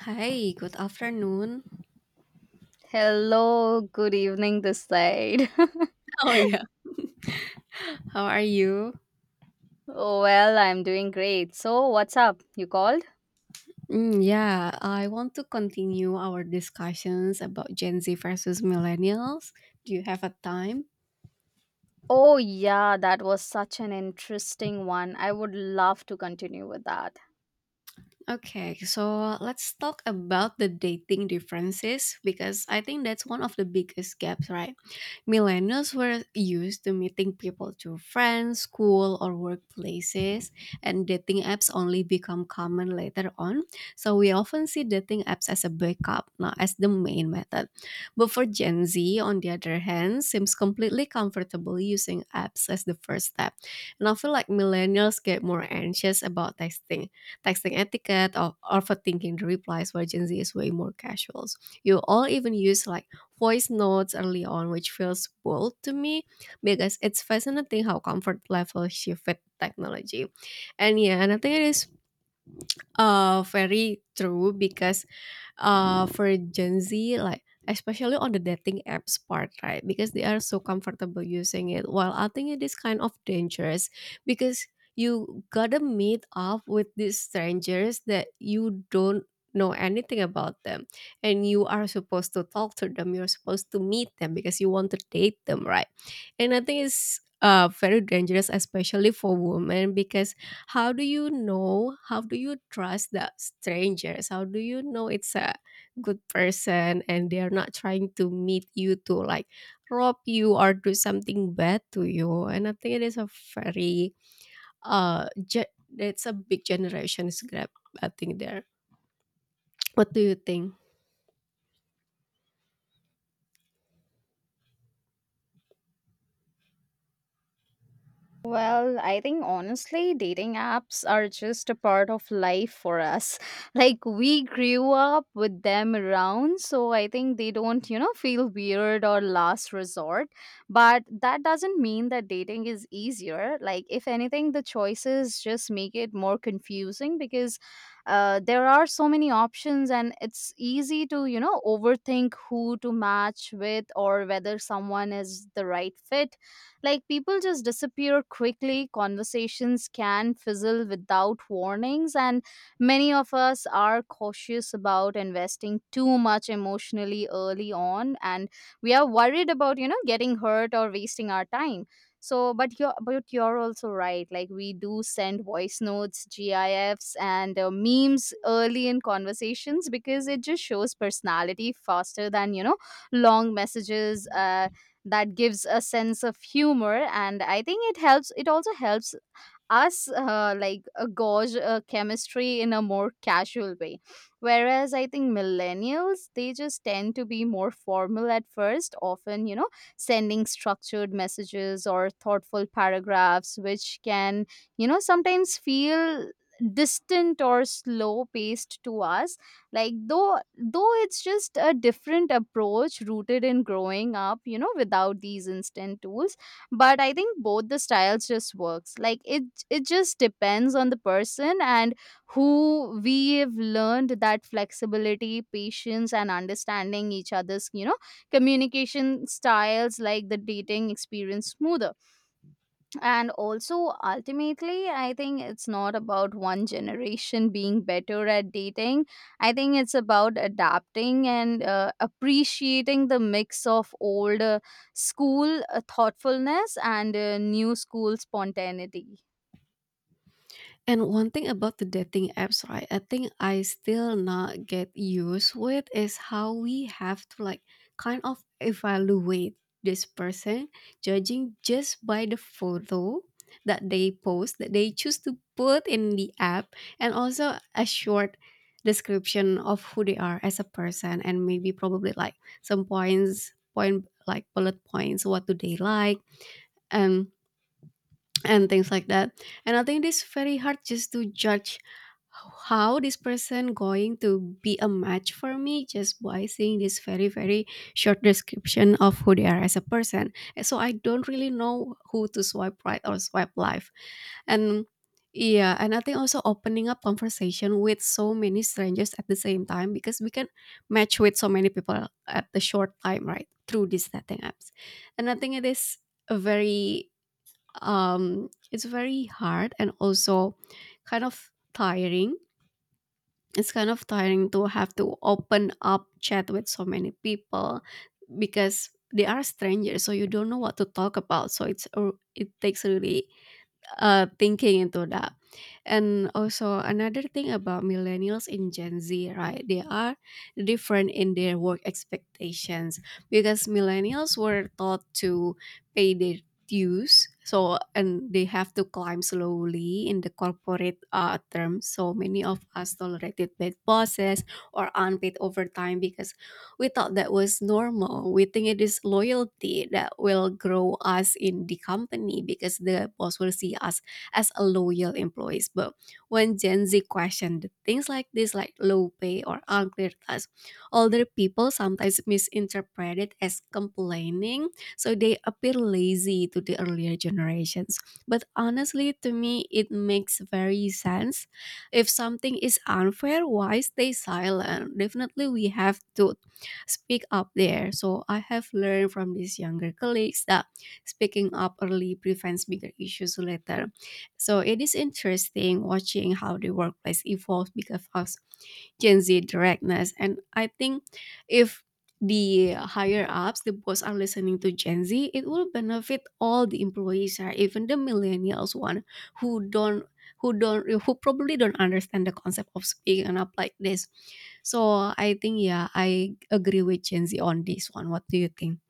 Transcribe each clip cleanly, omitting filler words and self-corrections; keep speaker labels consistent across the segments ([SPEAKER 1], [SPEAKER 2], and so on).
[SPEAKER 1] Hi, good afternoon.
[SPEAKER 2] Hello, good evening this side.
[SPEAKER 1] Oh yeah. How are you?
[SPEAKER 2] Well, I'm doing great. So, what's up? You called?
[SPEAKER 1] Mm, yeah, I want to continue our discussions about Gen Z versus millennials. Do you have a time?
[SPEAKER 2] Oh, yeah, that was such an interesting one. I would love to continue with that.
[SPEAKER 1] Okay, so let's talk about the dating differences because I think that's one of the biggest gaps, right? Millennials were used to meeting people through friends, school, or workplaces, and dating apps only become common later on. So we often see dating apps as a backup, not as the main method. But for Gen Z, on the other hand, seems completely comfortable using apps as the first step. And I feel like millennials get more anxious about texting etiquette, or overthinking the replies, where Gen Z is way more casual. You all even use like voice notes early on, which feels bold to me because it's fascinating how comfort level shift with technology. And yeah, and I think it is very true, because for Gen Z, like, especially on the dating apps part, right? Because they are so comfortable using it. While I think it is kind of dangerous because you gotta meet up with these strangers that you don't know anything about them, and you are supposed to talk to them, you're supposed to meet them because you want to date them, right? And I think it's very dangerous, especially for women, because how do you know, how do you trust the strangers, how do you know it's a good person and they're not trying to meet you to like rob you or do something bad to you? And I think it is a very ge- it's a big generation's gap, I think there. What do you think?
[SPEAKER 2] Well, I think honestly, dating apps are just a part of life for us. Like, we grew up with them around, so I think they don't feel weird or last resort. But that doesn't mean that dating is easier. Like, if anything, the choices just make it more confusing because there are so many options, and it's easy to overthink who to match with or whether someone is the right fit. Like, people just disappear quickly, conversations can fizzle without warnings, and many of us are cautious about investing too much emotionally early on, and we are worried about getting hurt or wasting our time. So, but you're also right. Like, we do send voice notes, GIFs, and memes early in conversations because it just shows personality faster than long messages. That gives a sense of humor, and I think it also helps us like gauge chemistry in a more casual way, whereas I think millennials, they just tend to be more formal at first, often sending structured messages or thoughtful paragraphs, which can sometimes feel distant or slow paced to us. Like, though it's just a different approach rooted in growing up without these instant tools. But I think both the styles just works. Like, it just depends on the person, and who we've learned that flexibility, patience, and understanding each other's communication styles, like, the dating experience smoother. And also, ultimately, I think it's not about one generation being better at dating. I think it's about adapting and appreciating the mix of old school thoughtfulness and new school spontaneity.
[SPEAKER 1] And one thing about the dating apps, right? I think I still not get used with is how we have to like kind of evaluate this person, judging just by the photo that they post, that they choose to put in the app, and also a short description of who they are as a person, and maybe probably like some points, point like bullet points, what do they like, and and things like that. And I think it's very hard just to judge how this person going to be a match for me just by seeing this very very short description of who they are as a person. And so I don't really know who to swipe right or swipe left. And yeah, and I think also opening up conversation with so many strangers at the same time, because we can match with so many people at the short time, right, through these dating apps. And I think a very it's very hard and also kind of tiring. It's kind of tiring to have to open up chat with so many people because they are strangers, so you don't know what to talk about. So it takes really thinking into that. And also another thing about millennials in Gen Z, right? They are different in their work expectations, because millennials were taught to pay their dues, and they have to climb slowly in the corporate terms. So many of us tolerated bad bosses or unpaid overtime because we thought that was normal. We think it is loyalty that will grow us in the company, because the boss will see us as a loyal employees. But when Gen Z questioned things like this, like low pay or unclear tasks, older people sometimes misinterpret it as complaining, so they appear lazy to the earlier generations. But honestly, to me, it makes very sense. If something is unfair, why stay silent? Definitely, we have to speak up there. So I have learned from these younger colleagues that speaking up early prevents bigger issues later. So it is interesting watching how the workplace evolves because of Gen Z directness. And I think if the higher ups, the boss are listening to Gen Z, it will benefit all the employees, right? Even the millennials one who don't who probably don't understand the concept of speaking up like this. So I think, yeah, I agree with Gen Z on this one. What do you think?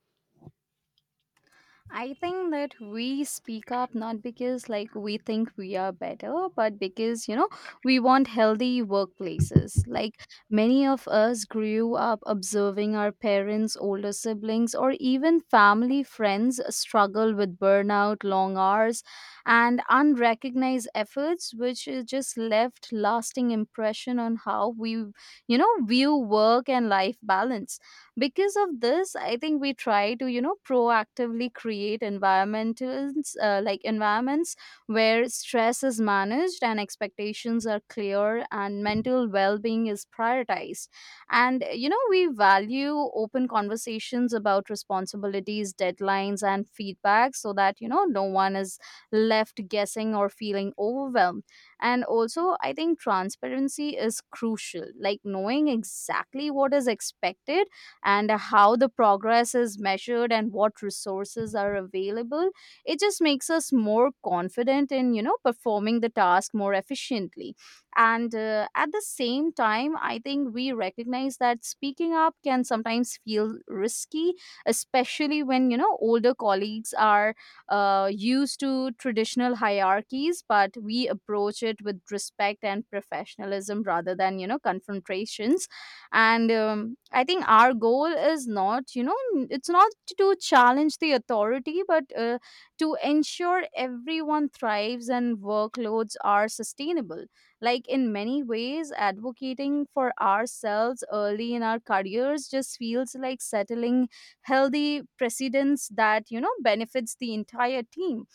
[SPEAKER 2] I think that we speak up not because, like, we think we are better, but because we want healthy workplaces. Like, many of us grew up observing our parents, older siblings, or even family friends struggle with burnout, long hours, and unrecognized efforts, which is just left lasting impression on how we view work and life balance. Because of this, I think we try to proactively create environments where stress is managed and expectations are clear and mental well-being is prioritized. And we value open conversations about responsibilities, deadlines, and feedback so that no one is left guessing or feeling overwhelmed. And also, I think transparency is crucial. Like, knowing exactly what is expected and how the progress is measured and what resources are available, it just makes us more confident in performing the task more efficiently. And at the same time, I think we recognize that speaking up can sometimes feel risky, especially when older colleagues are used to traditional hierarchies, but we approach it with respect and professionalism rather than confrontations. And I think our goal is not you know n- it's not to challenge the authority, but to ensure everyone thrives and workloads are sustainable. Like, in many ways, advocating for ourselves early in our careers just feels like settling healthy precedents that benefits the entire team.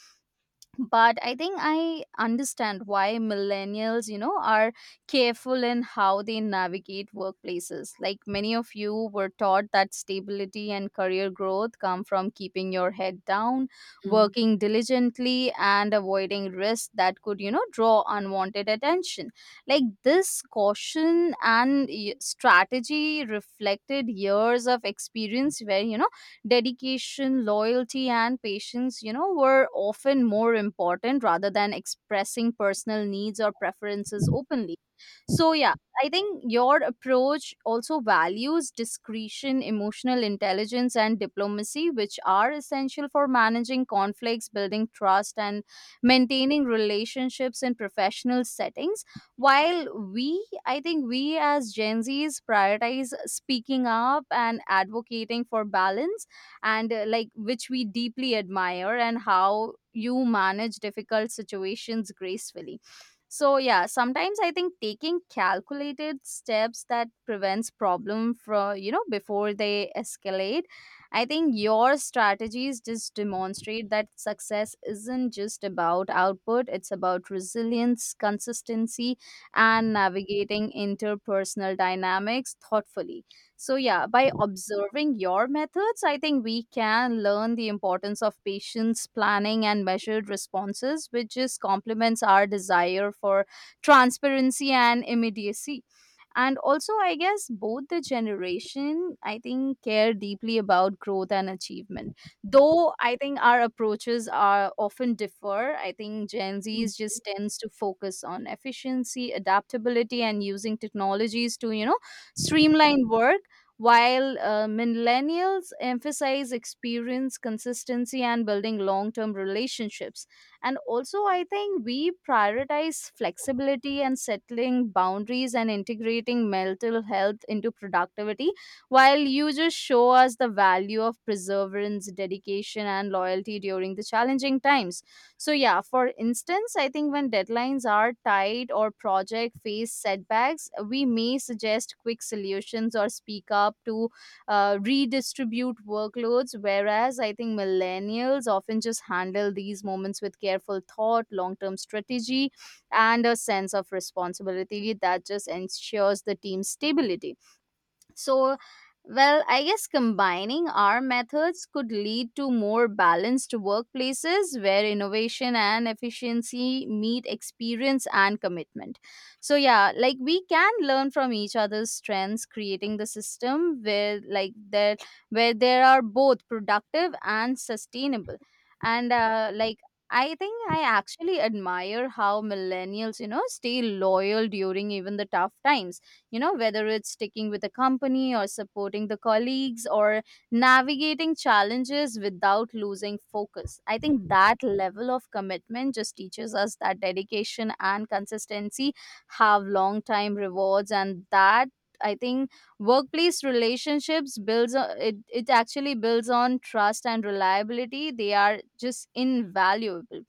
[SPEAKER 2] But I think I understand why millennials are careful in how they navigate workplaces. Like, many of you were taught that stability and career growth come from keeping your head down,
[SPEAKER 1] Mm.
[SPEAKER 2] working diligently, and avoiding risks that could draw unwanted attention. Like, this caution and strategy reflected years of experience where dedication, loyalty, and patience, were often more important rather than expressing personal needs or preferences openly. So, yeah, I think your approach also values discretion, emotional intelligence, and diplomacy, which are essential for managing conflicts, building trust, and maintaining relationships in professional settings. While I think we as Gen Zs prioritize speaking up and advocating for balance, and like, which we deeply admire, and how you manage difficult situations gracefully. So yeah, sometimes I think taking calculated steps that prevents problem from before they escalate. I think your strategies just demonstrate that success isn't just about output, it's about resilience, consistency, and navigating interpersonal dynamics thoughtfully. So, yeah, by observing your methods, I think we can learn the importance of patience, planning, and measured responses, which just complements our desire for transparency and immediacy. And also, I guess both the generation, I think, care deeply about growth and achievement, though I think our approaches are often differ. I think Gen Z's just tends to focus on efficiency, adaptability, and using technologies to streamline work, while millennials emphasize experience, consistency, and building long-term relationships. And also, I think we prioritize flexibility and settling boundaries and integrating mental health into productivity, while you just show us the value of perseverance, dedication, and loyalty during the challenging times. So, yeah, for instance, I think when deadlines are tight or project face setbacks, we may suggest quick solutions or speak up to redistribute workloads, whereas I think millennials often just handle these moments with careful thought, long term strategy, and a sense of responsibility that just ensures the team's stability. So, well, I guess combining our methods could lead to more balanced workplaces where innovation and efficiency meet experience and commitment. So, yeah, like, we can learn from each other's strengths, creating the system where there are both productive and sustainable. And like, I think I actually admire how millennials, stay loyal during even the tough times, whether it's sticking with a company or supporting the colleagues or navigating challenges without losing focus. I think that level of commitment just teaches us that dedication and consistency have long time rewards, and that, I think, workplace relationships builds on, it actually builds on trust and reliability. They are just invaluable.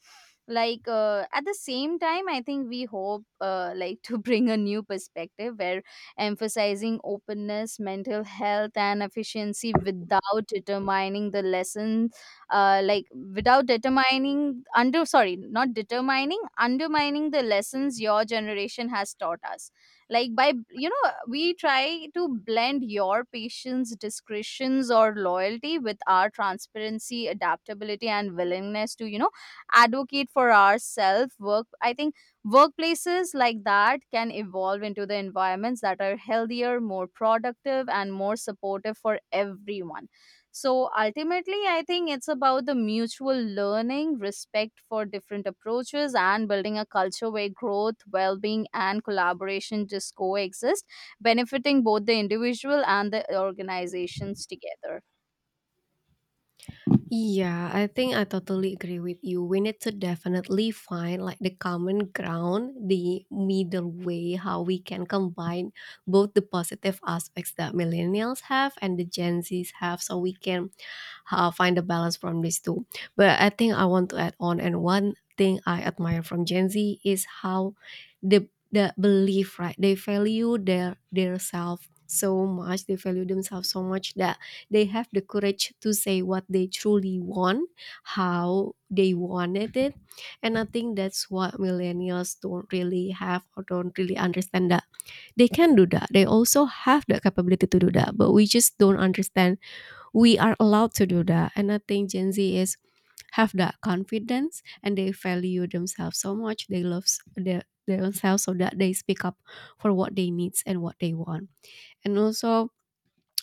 [SPEAKER 2] Like, at the same time, I think we hope, like, to bring a new perspective where emphasizing openness, mental health, and efficiency without determining the lesson like without determining under sorry not determining undermining the lessons your generation has taught us. Like, by we try to blend your patience, discretions, or loyalty with our transparency, adaptability, and willingness to advocate for ourselves work I think workplaces like that can evolve into the environments that are healthier, more productive, and more supportive for everyone. So ultimately, I think it's about the mutual learning, respect for different approaches, and building a culture where growth, well-being, and collaboration just coexist, benefiting both the individual and the organizations together.
[SPEAKER 1] Yeah, I think I totally agree with you. We need to definitely find like the common ground, the middle way, how we can combine both the positive aspects that millennials have and the Gen Zs have, so we can find a balance from these two. But I think I want to add on, and one thing I admire from Gen Z is how the belief, right? They value their self so much. They value themselves so much that they have the courage to say what they truly want, how they wanted it. And I think that's what millennials don't really have or don't really understand, that they can do that, they also have the capability to do that, but we just don't understand we are allowed to do that. And I think Gen Z is have that confidence and they value themselves so much, they love s- their themselves, so that they speak up for what they needs and what they want. And also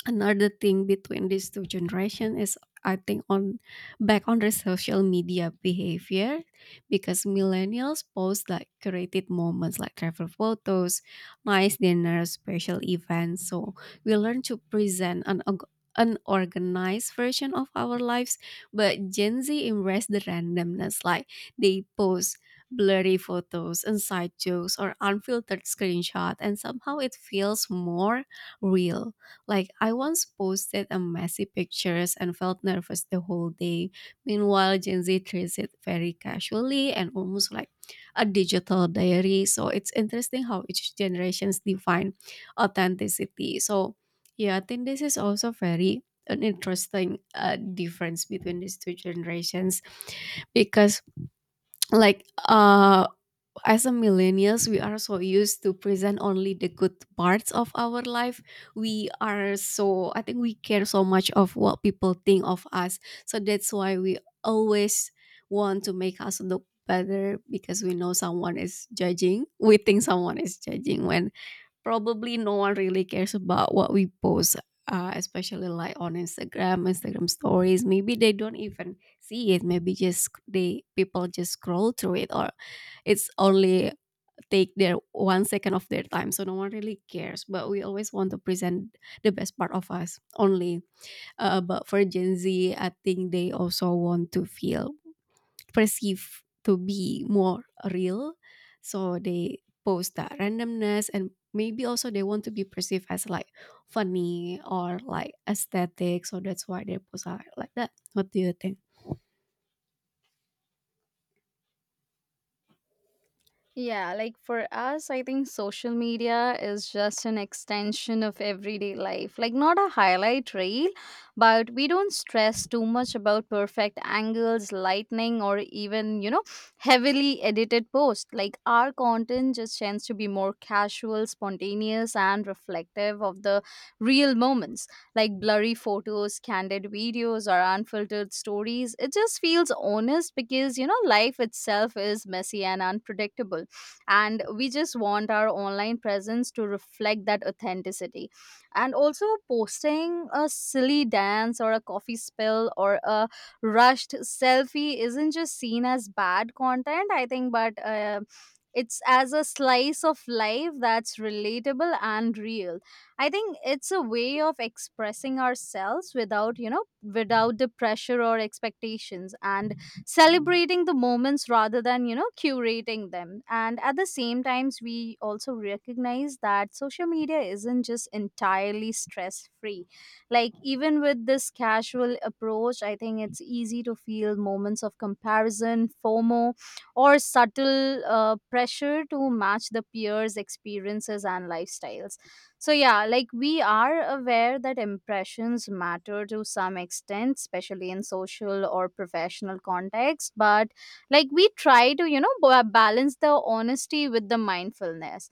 [SPEAKER 1] another thing between these two generation is, I think, on back on the social media behavior, because millennials post like curated moments, like travel photos, nice dinners, special events, so we learn to present an organized version of our lives. But Gen Z embrace the randomness. Like, they post blurry photos, inside jokes, or unfiltered screenshot, and somehow it feels more real. Like, I once posted a messy pictures and felt nervous the whole day. Meanwhile, Gen Z treats it very casually and almost like a digital diary. So it's interesting how each generations define authenticity. So yeah, I think this is also very an interesting difference between these two generations, because like as a millennials we are so used to present only the good parts of our life. We are so I think we care so much of what people think of us, so that's why we always want to make us look better, because we know someone is judging, we think someone is judging, when probably no one really cares about what we post. Especially like on Instagram stories, maybe they don't even see it, maybe just they people just scroll through it, or it's only take their one second of their time, so no one really cares, but we always want to present the best part of us only. But for Gen Z, I think they also want to feel perceived to be more real, so they post that randomness. And maybe also they want to be perceived as like funny or like aesthetic, so that's why they post are like that. What do you think?
[SPEAKER 2] Yeah, like, for us, I think social media is just an extension of everyday life. Like, not a highlight reel, but we don't stress too much about perfect angles, lightning, or even, heavily edited posts. Like, our content just tends to be more casual, spontaneous, and reflective of the real moments. Like, blurry photos, candid videos, or unfiltered stories. It just feels honest because, life itself is messy and unpredictable, and we just want our online presence to reflect that authenticity. And also, posting a silly dance or a coffee spill or a rushed selfie isn't just seen as bad content, I think, but it's as a slice of life that's relatable and real. I think it's a way of expressing ourselves without you know without the pressure or expectations, and celebrating the moments rather than curating them. And at the same times, we also recognize that social media isn't just entirely stress free. Like, even with this casual approach, I think it's easy to feel moments of comparison, FOMO, or subtle pressure to match the peers experiences and lifestyles. So yeah, like, we are aware that impressions matter to some extent, especially in social or professional context, but, like, we try to balance the honesty with the mindfulness.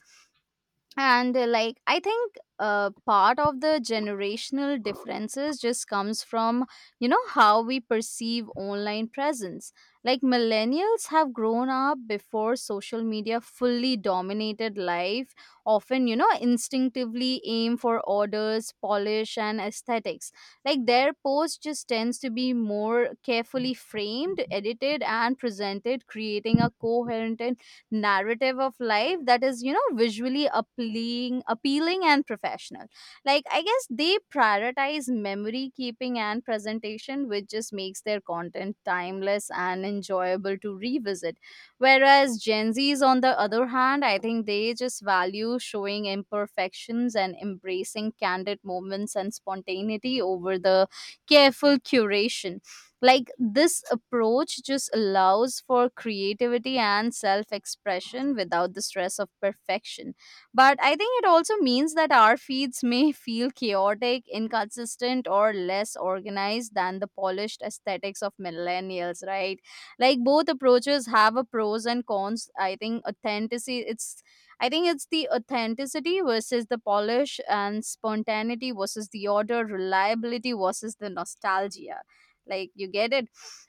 [SPEAKER 2] And like, I think part of the generational differences just comes from how we perceive online presence. Like, millennials have grown up before social media fully dominated life, often instinctively aim for orders, polish, and aesthetics. Like, their post just tends to be more carefully framed, edited, and presented, creating a coherent and narrative of life that is visually appealing and professional. Like, I guess they prioritize memory keeping and presentation, which just makes their content timeless and enjoyable to revisit. Whereas Gen Z's, on the other hand, I think they just value showing imperfections and embracing candid moments and spontaneity over the careful curation. Like, this approach just allows for creativity and self expression without the stress of perfection. But I think it also means that Our feeds may feel chaotic, inconsistent, or less organized than the polished aesthetics of millennials, right? Like, both approaches have a pros and cons. I think it's the authenticity versus the polish, and spontaneity versus the order, reliability versus the nostalgia. Like, you get it.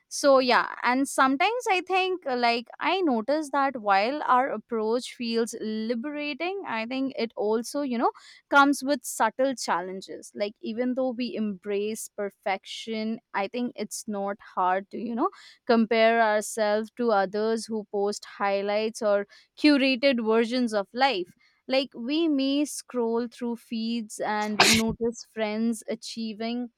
[SPEAKER 2] So yeah, and sometimes I think like, I notice that while our approach feels liberating, I think it also. Comes with subtle challenges, like even though we embrace perfection, I think it's not hard to. Compare ourselves to others who post highlights or curated versions of life. Like, we may scroll through feeds and notice friends achieving,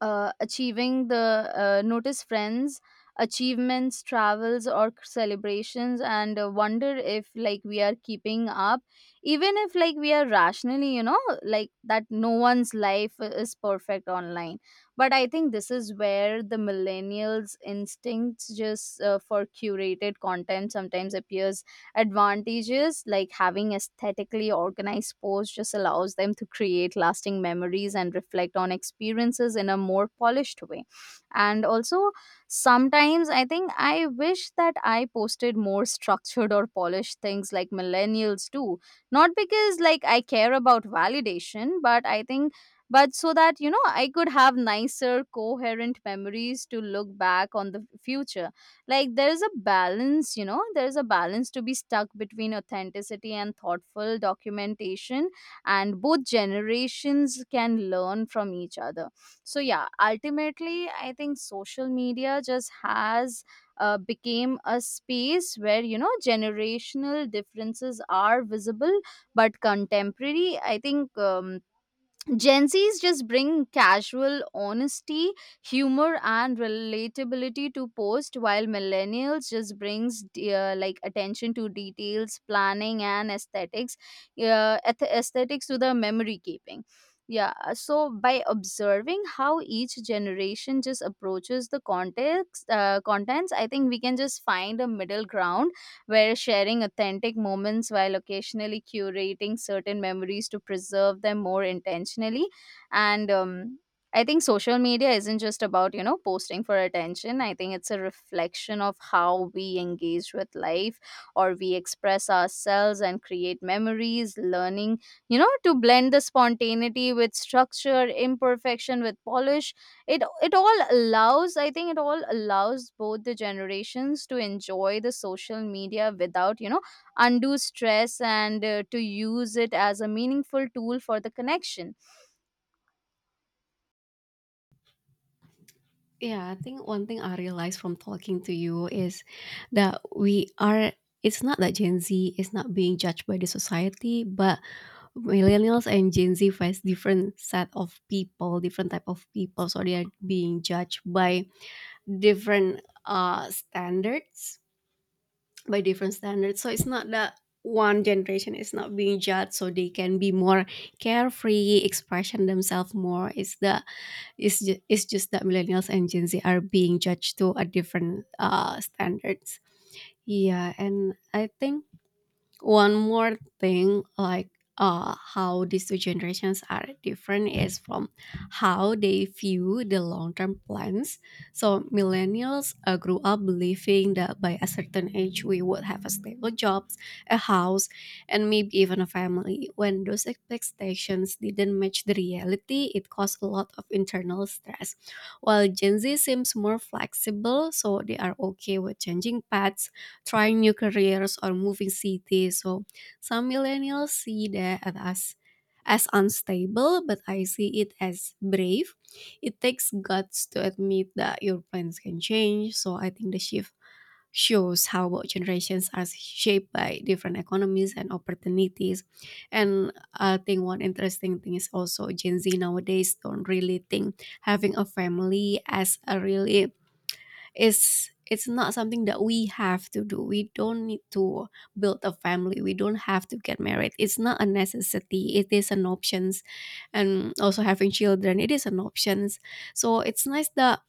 [SPEAKER 2] achieving the notice friends achievements, travels, or celebrations, and wonder if, like, we are keeping up, even if, like, we are rationally, you know, like that no one's life is perfect online. But I think this is where the millennials instincts just for curated content sometimes appears advantages, like having aesthetically organized posts just allows them to create lasting memories and reflect on experiences in a more polished way. And also, sometimes I think I wish that I posted more structured or polished things like millennials do. Not because, like, I care about validation, but I think, but so that, you know, I could have nicer, coherent memories to look back on the future. Like, there is a balance, you know, there is a balance to be stuck between authenticity and thoughtful documentation, and both generations can learn from each other. So yeah, ultimately I think social media just has became a space where, you know, generational differences are visible. But contemporary, I think Gen Zs just bring casual honesty, humor, and relatability to post, while millennials just brings like, attention to details, planning, and aesthetics, aesthetics to the memory keeping. Yeah, so by observing how each generation just approaches the context, contents, I think we can just find a middle ground where sharing authentic moments while occasionally curating certain memories to preserve them more intentionally. And I think social media isn't just about, you know, posting for attention. I think it's a reflection of how we engage with life, or we express ourselves and create memories, learning, you know, to blend the spontaneity with structure, imperfection with polish. It all allows, I think it all allows both the generations to enjoy the social media without, you know, undue stress, and to use it as a meaningful tool for the connection.
[SPEAKER 1] Yeah, I think one thing I realized from talking to you is that it's not that Gen Z is not being judged by the society, but millennials and Gen Z face different set of people, different type of people. So they are being judged by different standards, by different standards. So it's not that one generation is not being judged so they can be more carefree expression themselves more. It's just that millennials and Gen Z are being judged to a different standards. Yeah, and I think one more thing, like, how these two generations are different is from how they view the long-term plans. So millennials grew up believing that by a certain age we would have a stable jobs, a house, and maybe even a family. When those expectations didn't match the reality, it caused a lot of internal stress, while Gen Z seems more flexible. So they are okay with changing paths, trying new careers, or moving cities. So some millennials see that as unstable, but I see it as brave. It takes guts to admit that your plans can change. So I think the shift shows how both generations are shaped by different economies and opportunities. And I think one interesting thing is also Gen Z nowadays don't really think having a family as a really, it's not something that we have to do. We don't need to build a family, we don't have to get married, it's not a necessity, it is an options. And also having children, it is an options. So it's nice that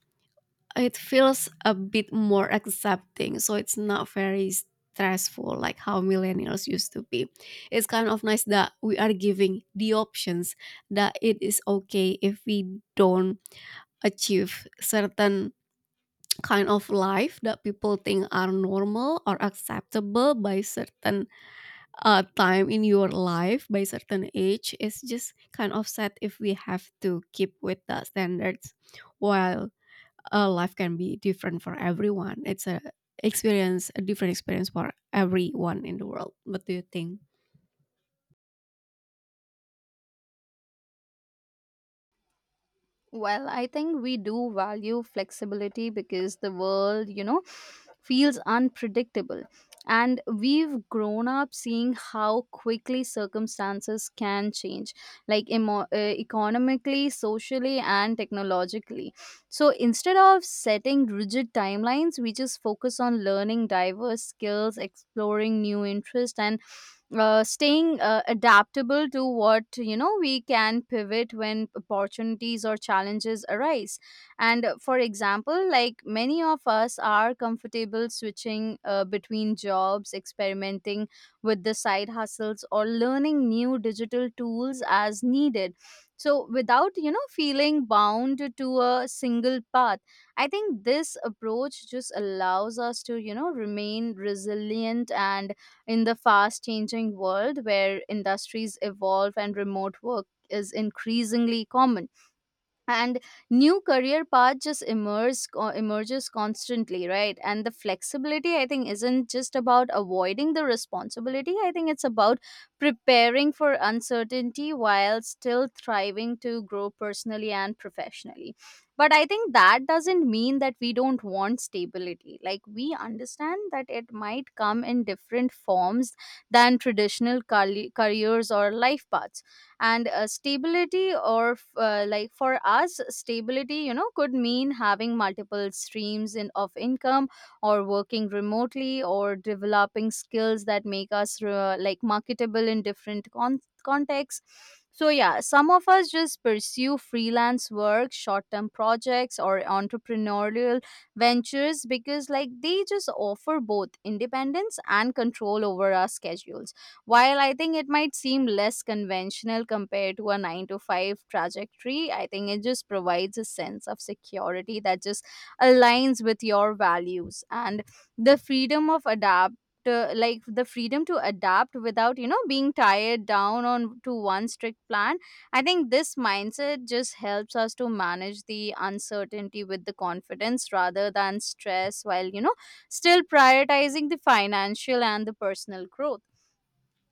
[SPEAKER 1] it feels a bit more accepting, so it's not very stressful like how millennials used to be. It's kind of nice that we are giving the options, that it is okay if we don't achieve certain kind of life that people think are normal or acceptable by certain time in your life, by certain age. It's just kind of sad if we have to keep with the standards, while life can be different for everyone. It's a different experience for everyone in the world. What do you think?
[SPEAKER 2] Well, I think we do value flexibility because the world, you know, feels unpredictable. And we've grown up seeing how quickly circumstances can change, like economically, socially, and technologically. So instead of setting rigid timelines, we just focus on learning diverse skills, exploring new interests, and staying adaptable to what, you know, we can pivot when opportunities or challenges arise. And for example, like, many of us are comfortable switching between jobs, experimenting with the side hustles or learning new digital tools as needed, so without, you know, feeling bound to a single path. I think this approach just allows us to, you know, remain resilient and in the fast changing world where industries evolve and remote work is increasingly common, and new career path just emerges constantly, right? And the flexibility, I think, isn't just about avoiding the responsibility. I think it's about preparing for uncertainty while still thriving to grow personally and professionally. But I think that doesn't mean that we don't want stability. Like, we understand that it might come in different forms than traditional careers or life paths. And stability or like, for us stability, you know, could mean having multiple streams in of income, or working remotely, or developing skills that make us like, marketable in different contexts. So yeah, some of us just pursue freelance work, short term projects, or entrepreneurial ventures because, like, they just offer both independence and control over our schedules. While I think it might seem less conventional compared to a 9 to 5 trajectory, I think it just provides a sense of security that just aligns with your values, and the freedom of adapt, like, the freedom to adapt without, you know, being tied down on to one strict plan. I think this mindset just helps us to manage the uncertainty with the confidence rather than stress, while, you know, still prioritizing the financial and the personal growth.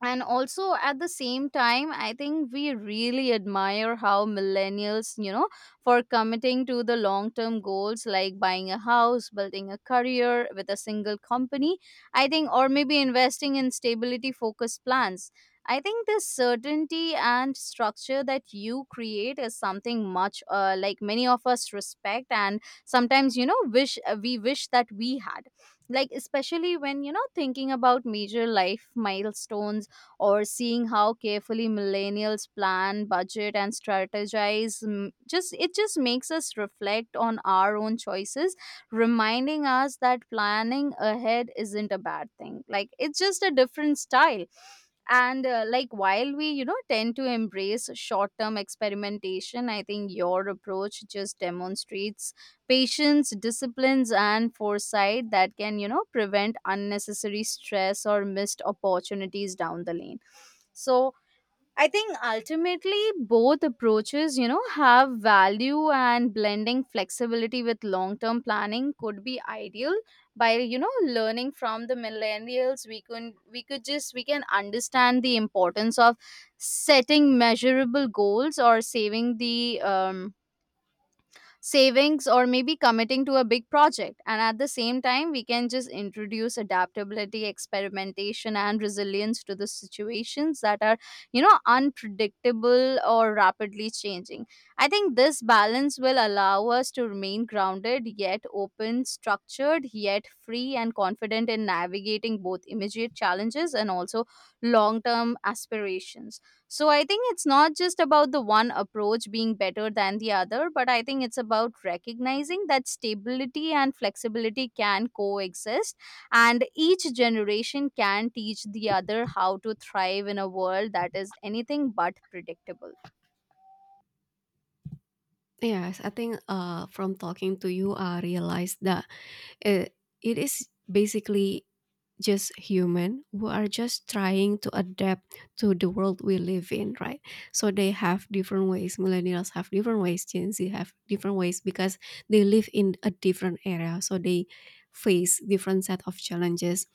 [SPEAKER 2] And also, at the same time, I think we really admire how millennials, you know, for committing to the long term goals, like buying a house, building a career with a single company, I think, or maybe investing in stability focused plans. I think this certainty and structure that you create is something much, like, many of us respect and sometimes, you know, wish we wish that we had, like, especially when, you know, thinking about major life milestones, or seeing how carefully millennials plan, budget, and strategize. Just it just makes us reflect on our own choices, reminding us that planning ahead isn't a bad thing. Like, it's just a different style. And like, while we, you know, tend to embrace short term experimentation, I think your approach just demonstrates patience, disciplines, and foresight that can, you know, prevent unnecessary stress or missed opportunities down the lane. So I think ultimately both approaches, you know, have value, and blending flexibility with long term planning could be ideal. By, you know, learning from the millennials, we could just we can understand the importance of setting measurable goals or saving the um, savings, or maybe committing to a big project. And at the same time, we can just introduce adaptability, experimentation, and resilience to the situations that are, you know, unpredictable or rapidly changing. I think this balance will allow us to remain grounded yet open, structured yet free, and confident in navigating both immediate challenges and also long term aspirations. So I think it's not just about the one approach being better than the other, but I think it's about recognizing that stability and flexibility can coexist, and each generation can teach the other how to thrive in a world that is anything but predictable.
[SPEAKER 1] Yes, I think from talking to you, I realized that it, it is basically just human who are just trying to adapt to the world we live in, right? So they have different ways. Millennials have different ways. Gen Z have different ways, because they live in a different era. So they face different set of challenges.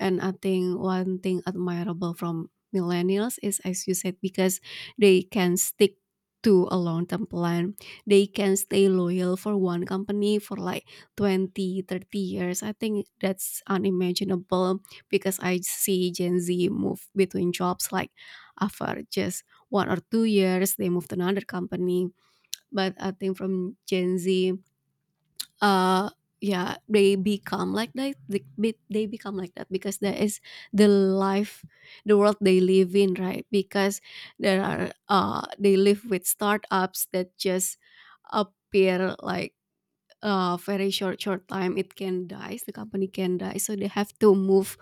[SPEAKER 1] And I think one thing admirable from millennials is, as you said, because they can stick to a long-term plan, they can stay loyal for one company for like 20, 30 years. I think that's unimaginable, because I see Gen Z move between jobs like after just 1 or 2 years they move to another company. But I think from Gen Z, uh yeah, they become like that. They become like that because that is the life the world they live in, right? Because there are they live with startups that just appear like very short time, it can die, the company can die, so they have to move,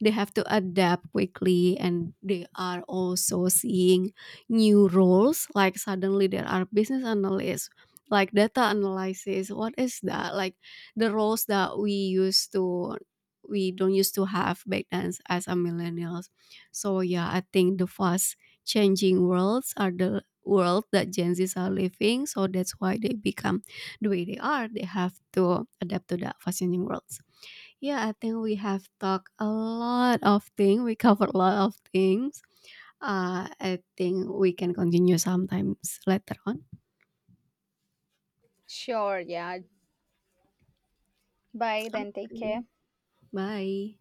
[SPEAKER 1] they have to adapt quickly. And they are also seeing new roles, like suddenly there are business analysts, like data analysis, what is that? Like, the roles that we don't used to have back then as a millennials. So yeah, I think the fast changing worlds are the world that Gen Z's are living, so that's why they become the way they are, they have to adapt to the fast-changing worlds. Yeah, I think we have talked a lot of things. We covered a lot of things. I think we can continue sometimes later on.
[SPEAKER 2] Sure, yeah. Bye then, take
[SPEAKER 1] Okay,
[SPEAKER 2] care.
[SPEAKER 1] bye.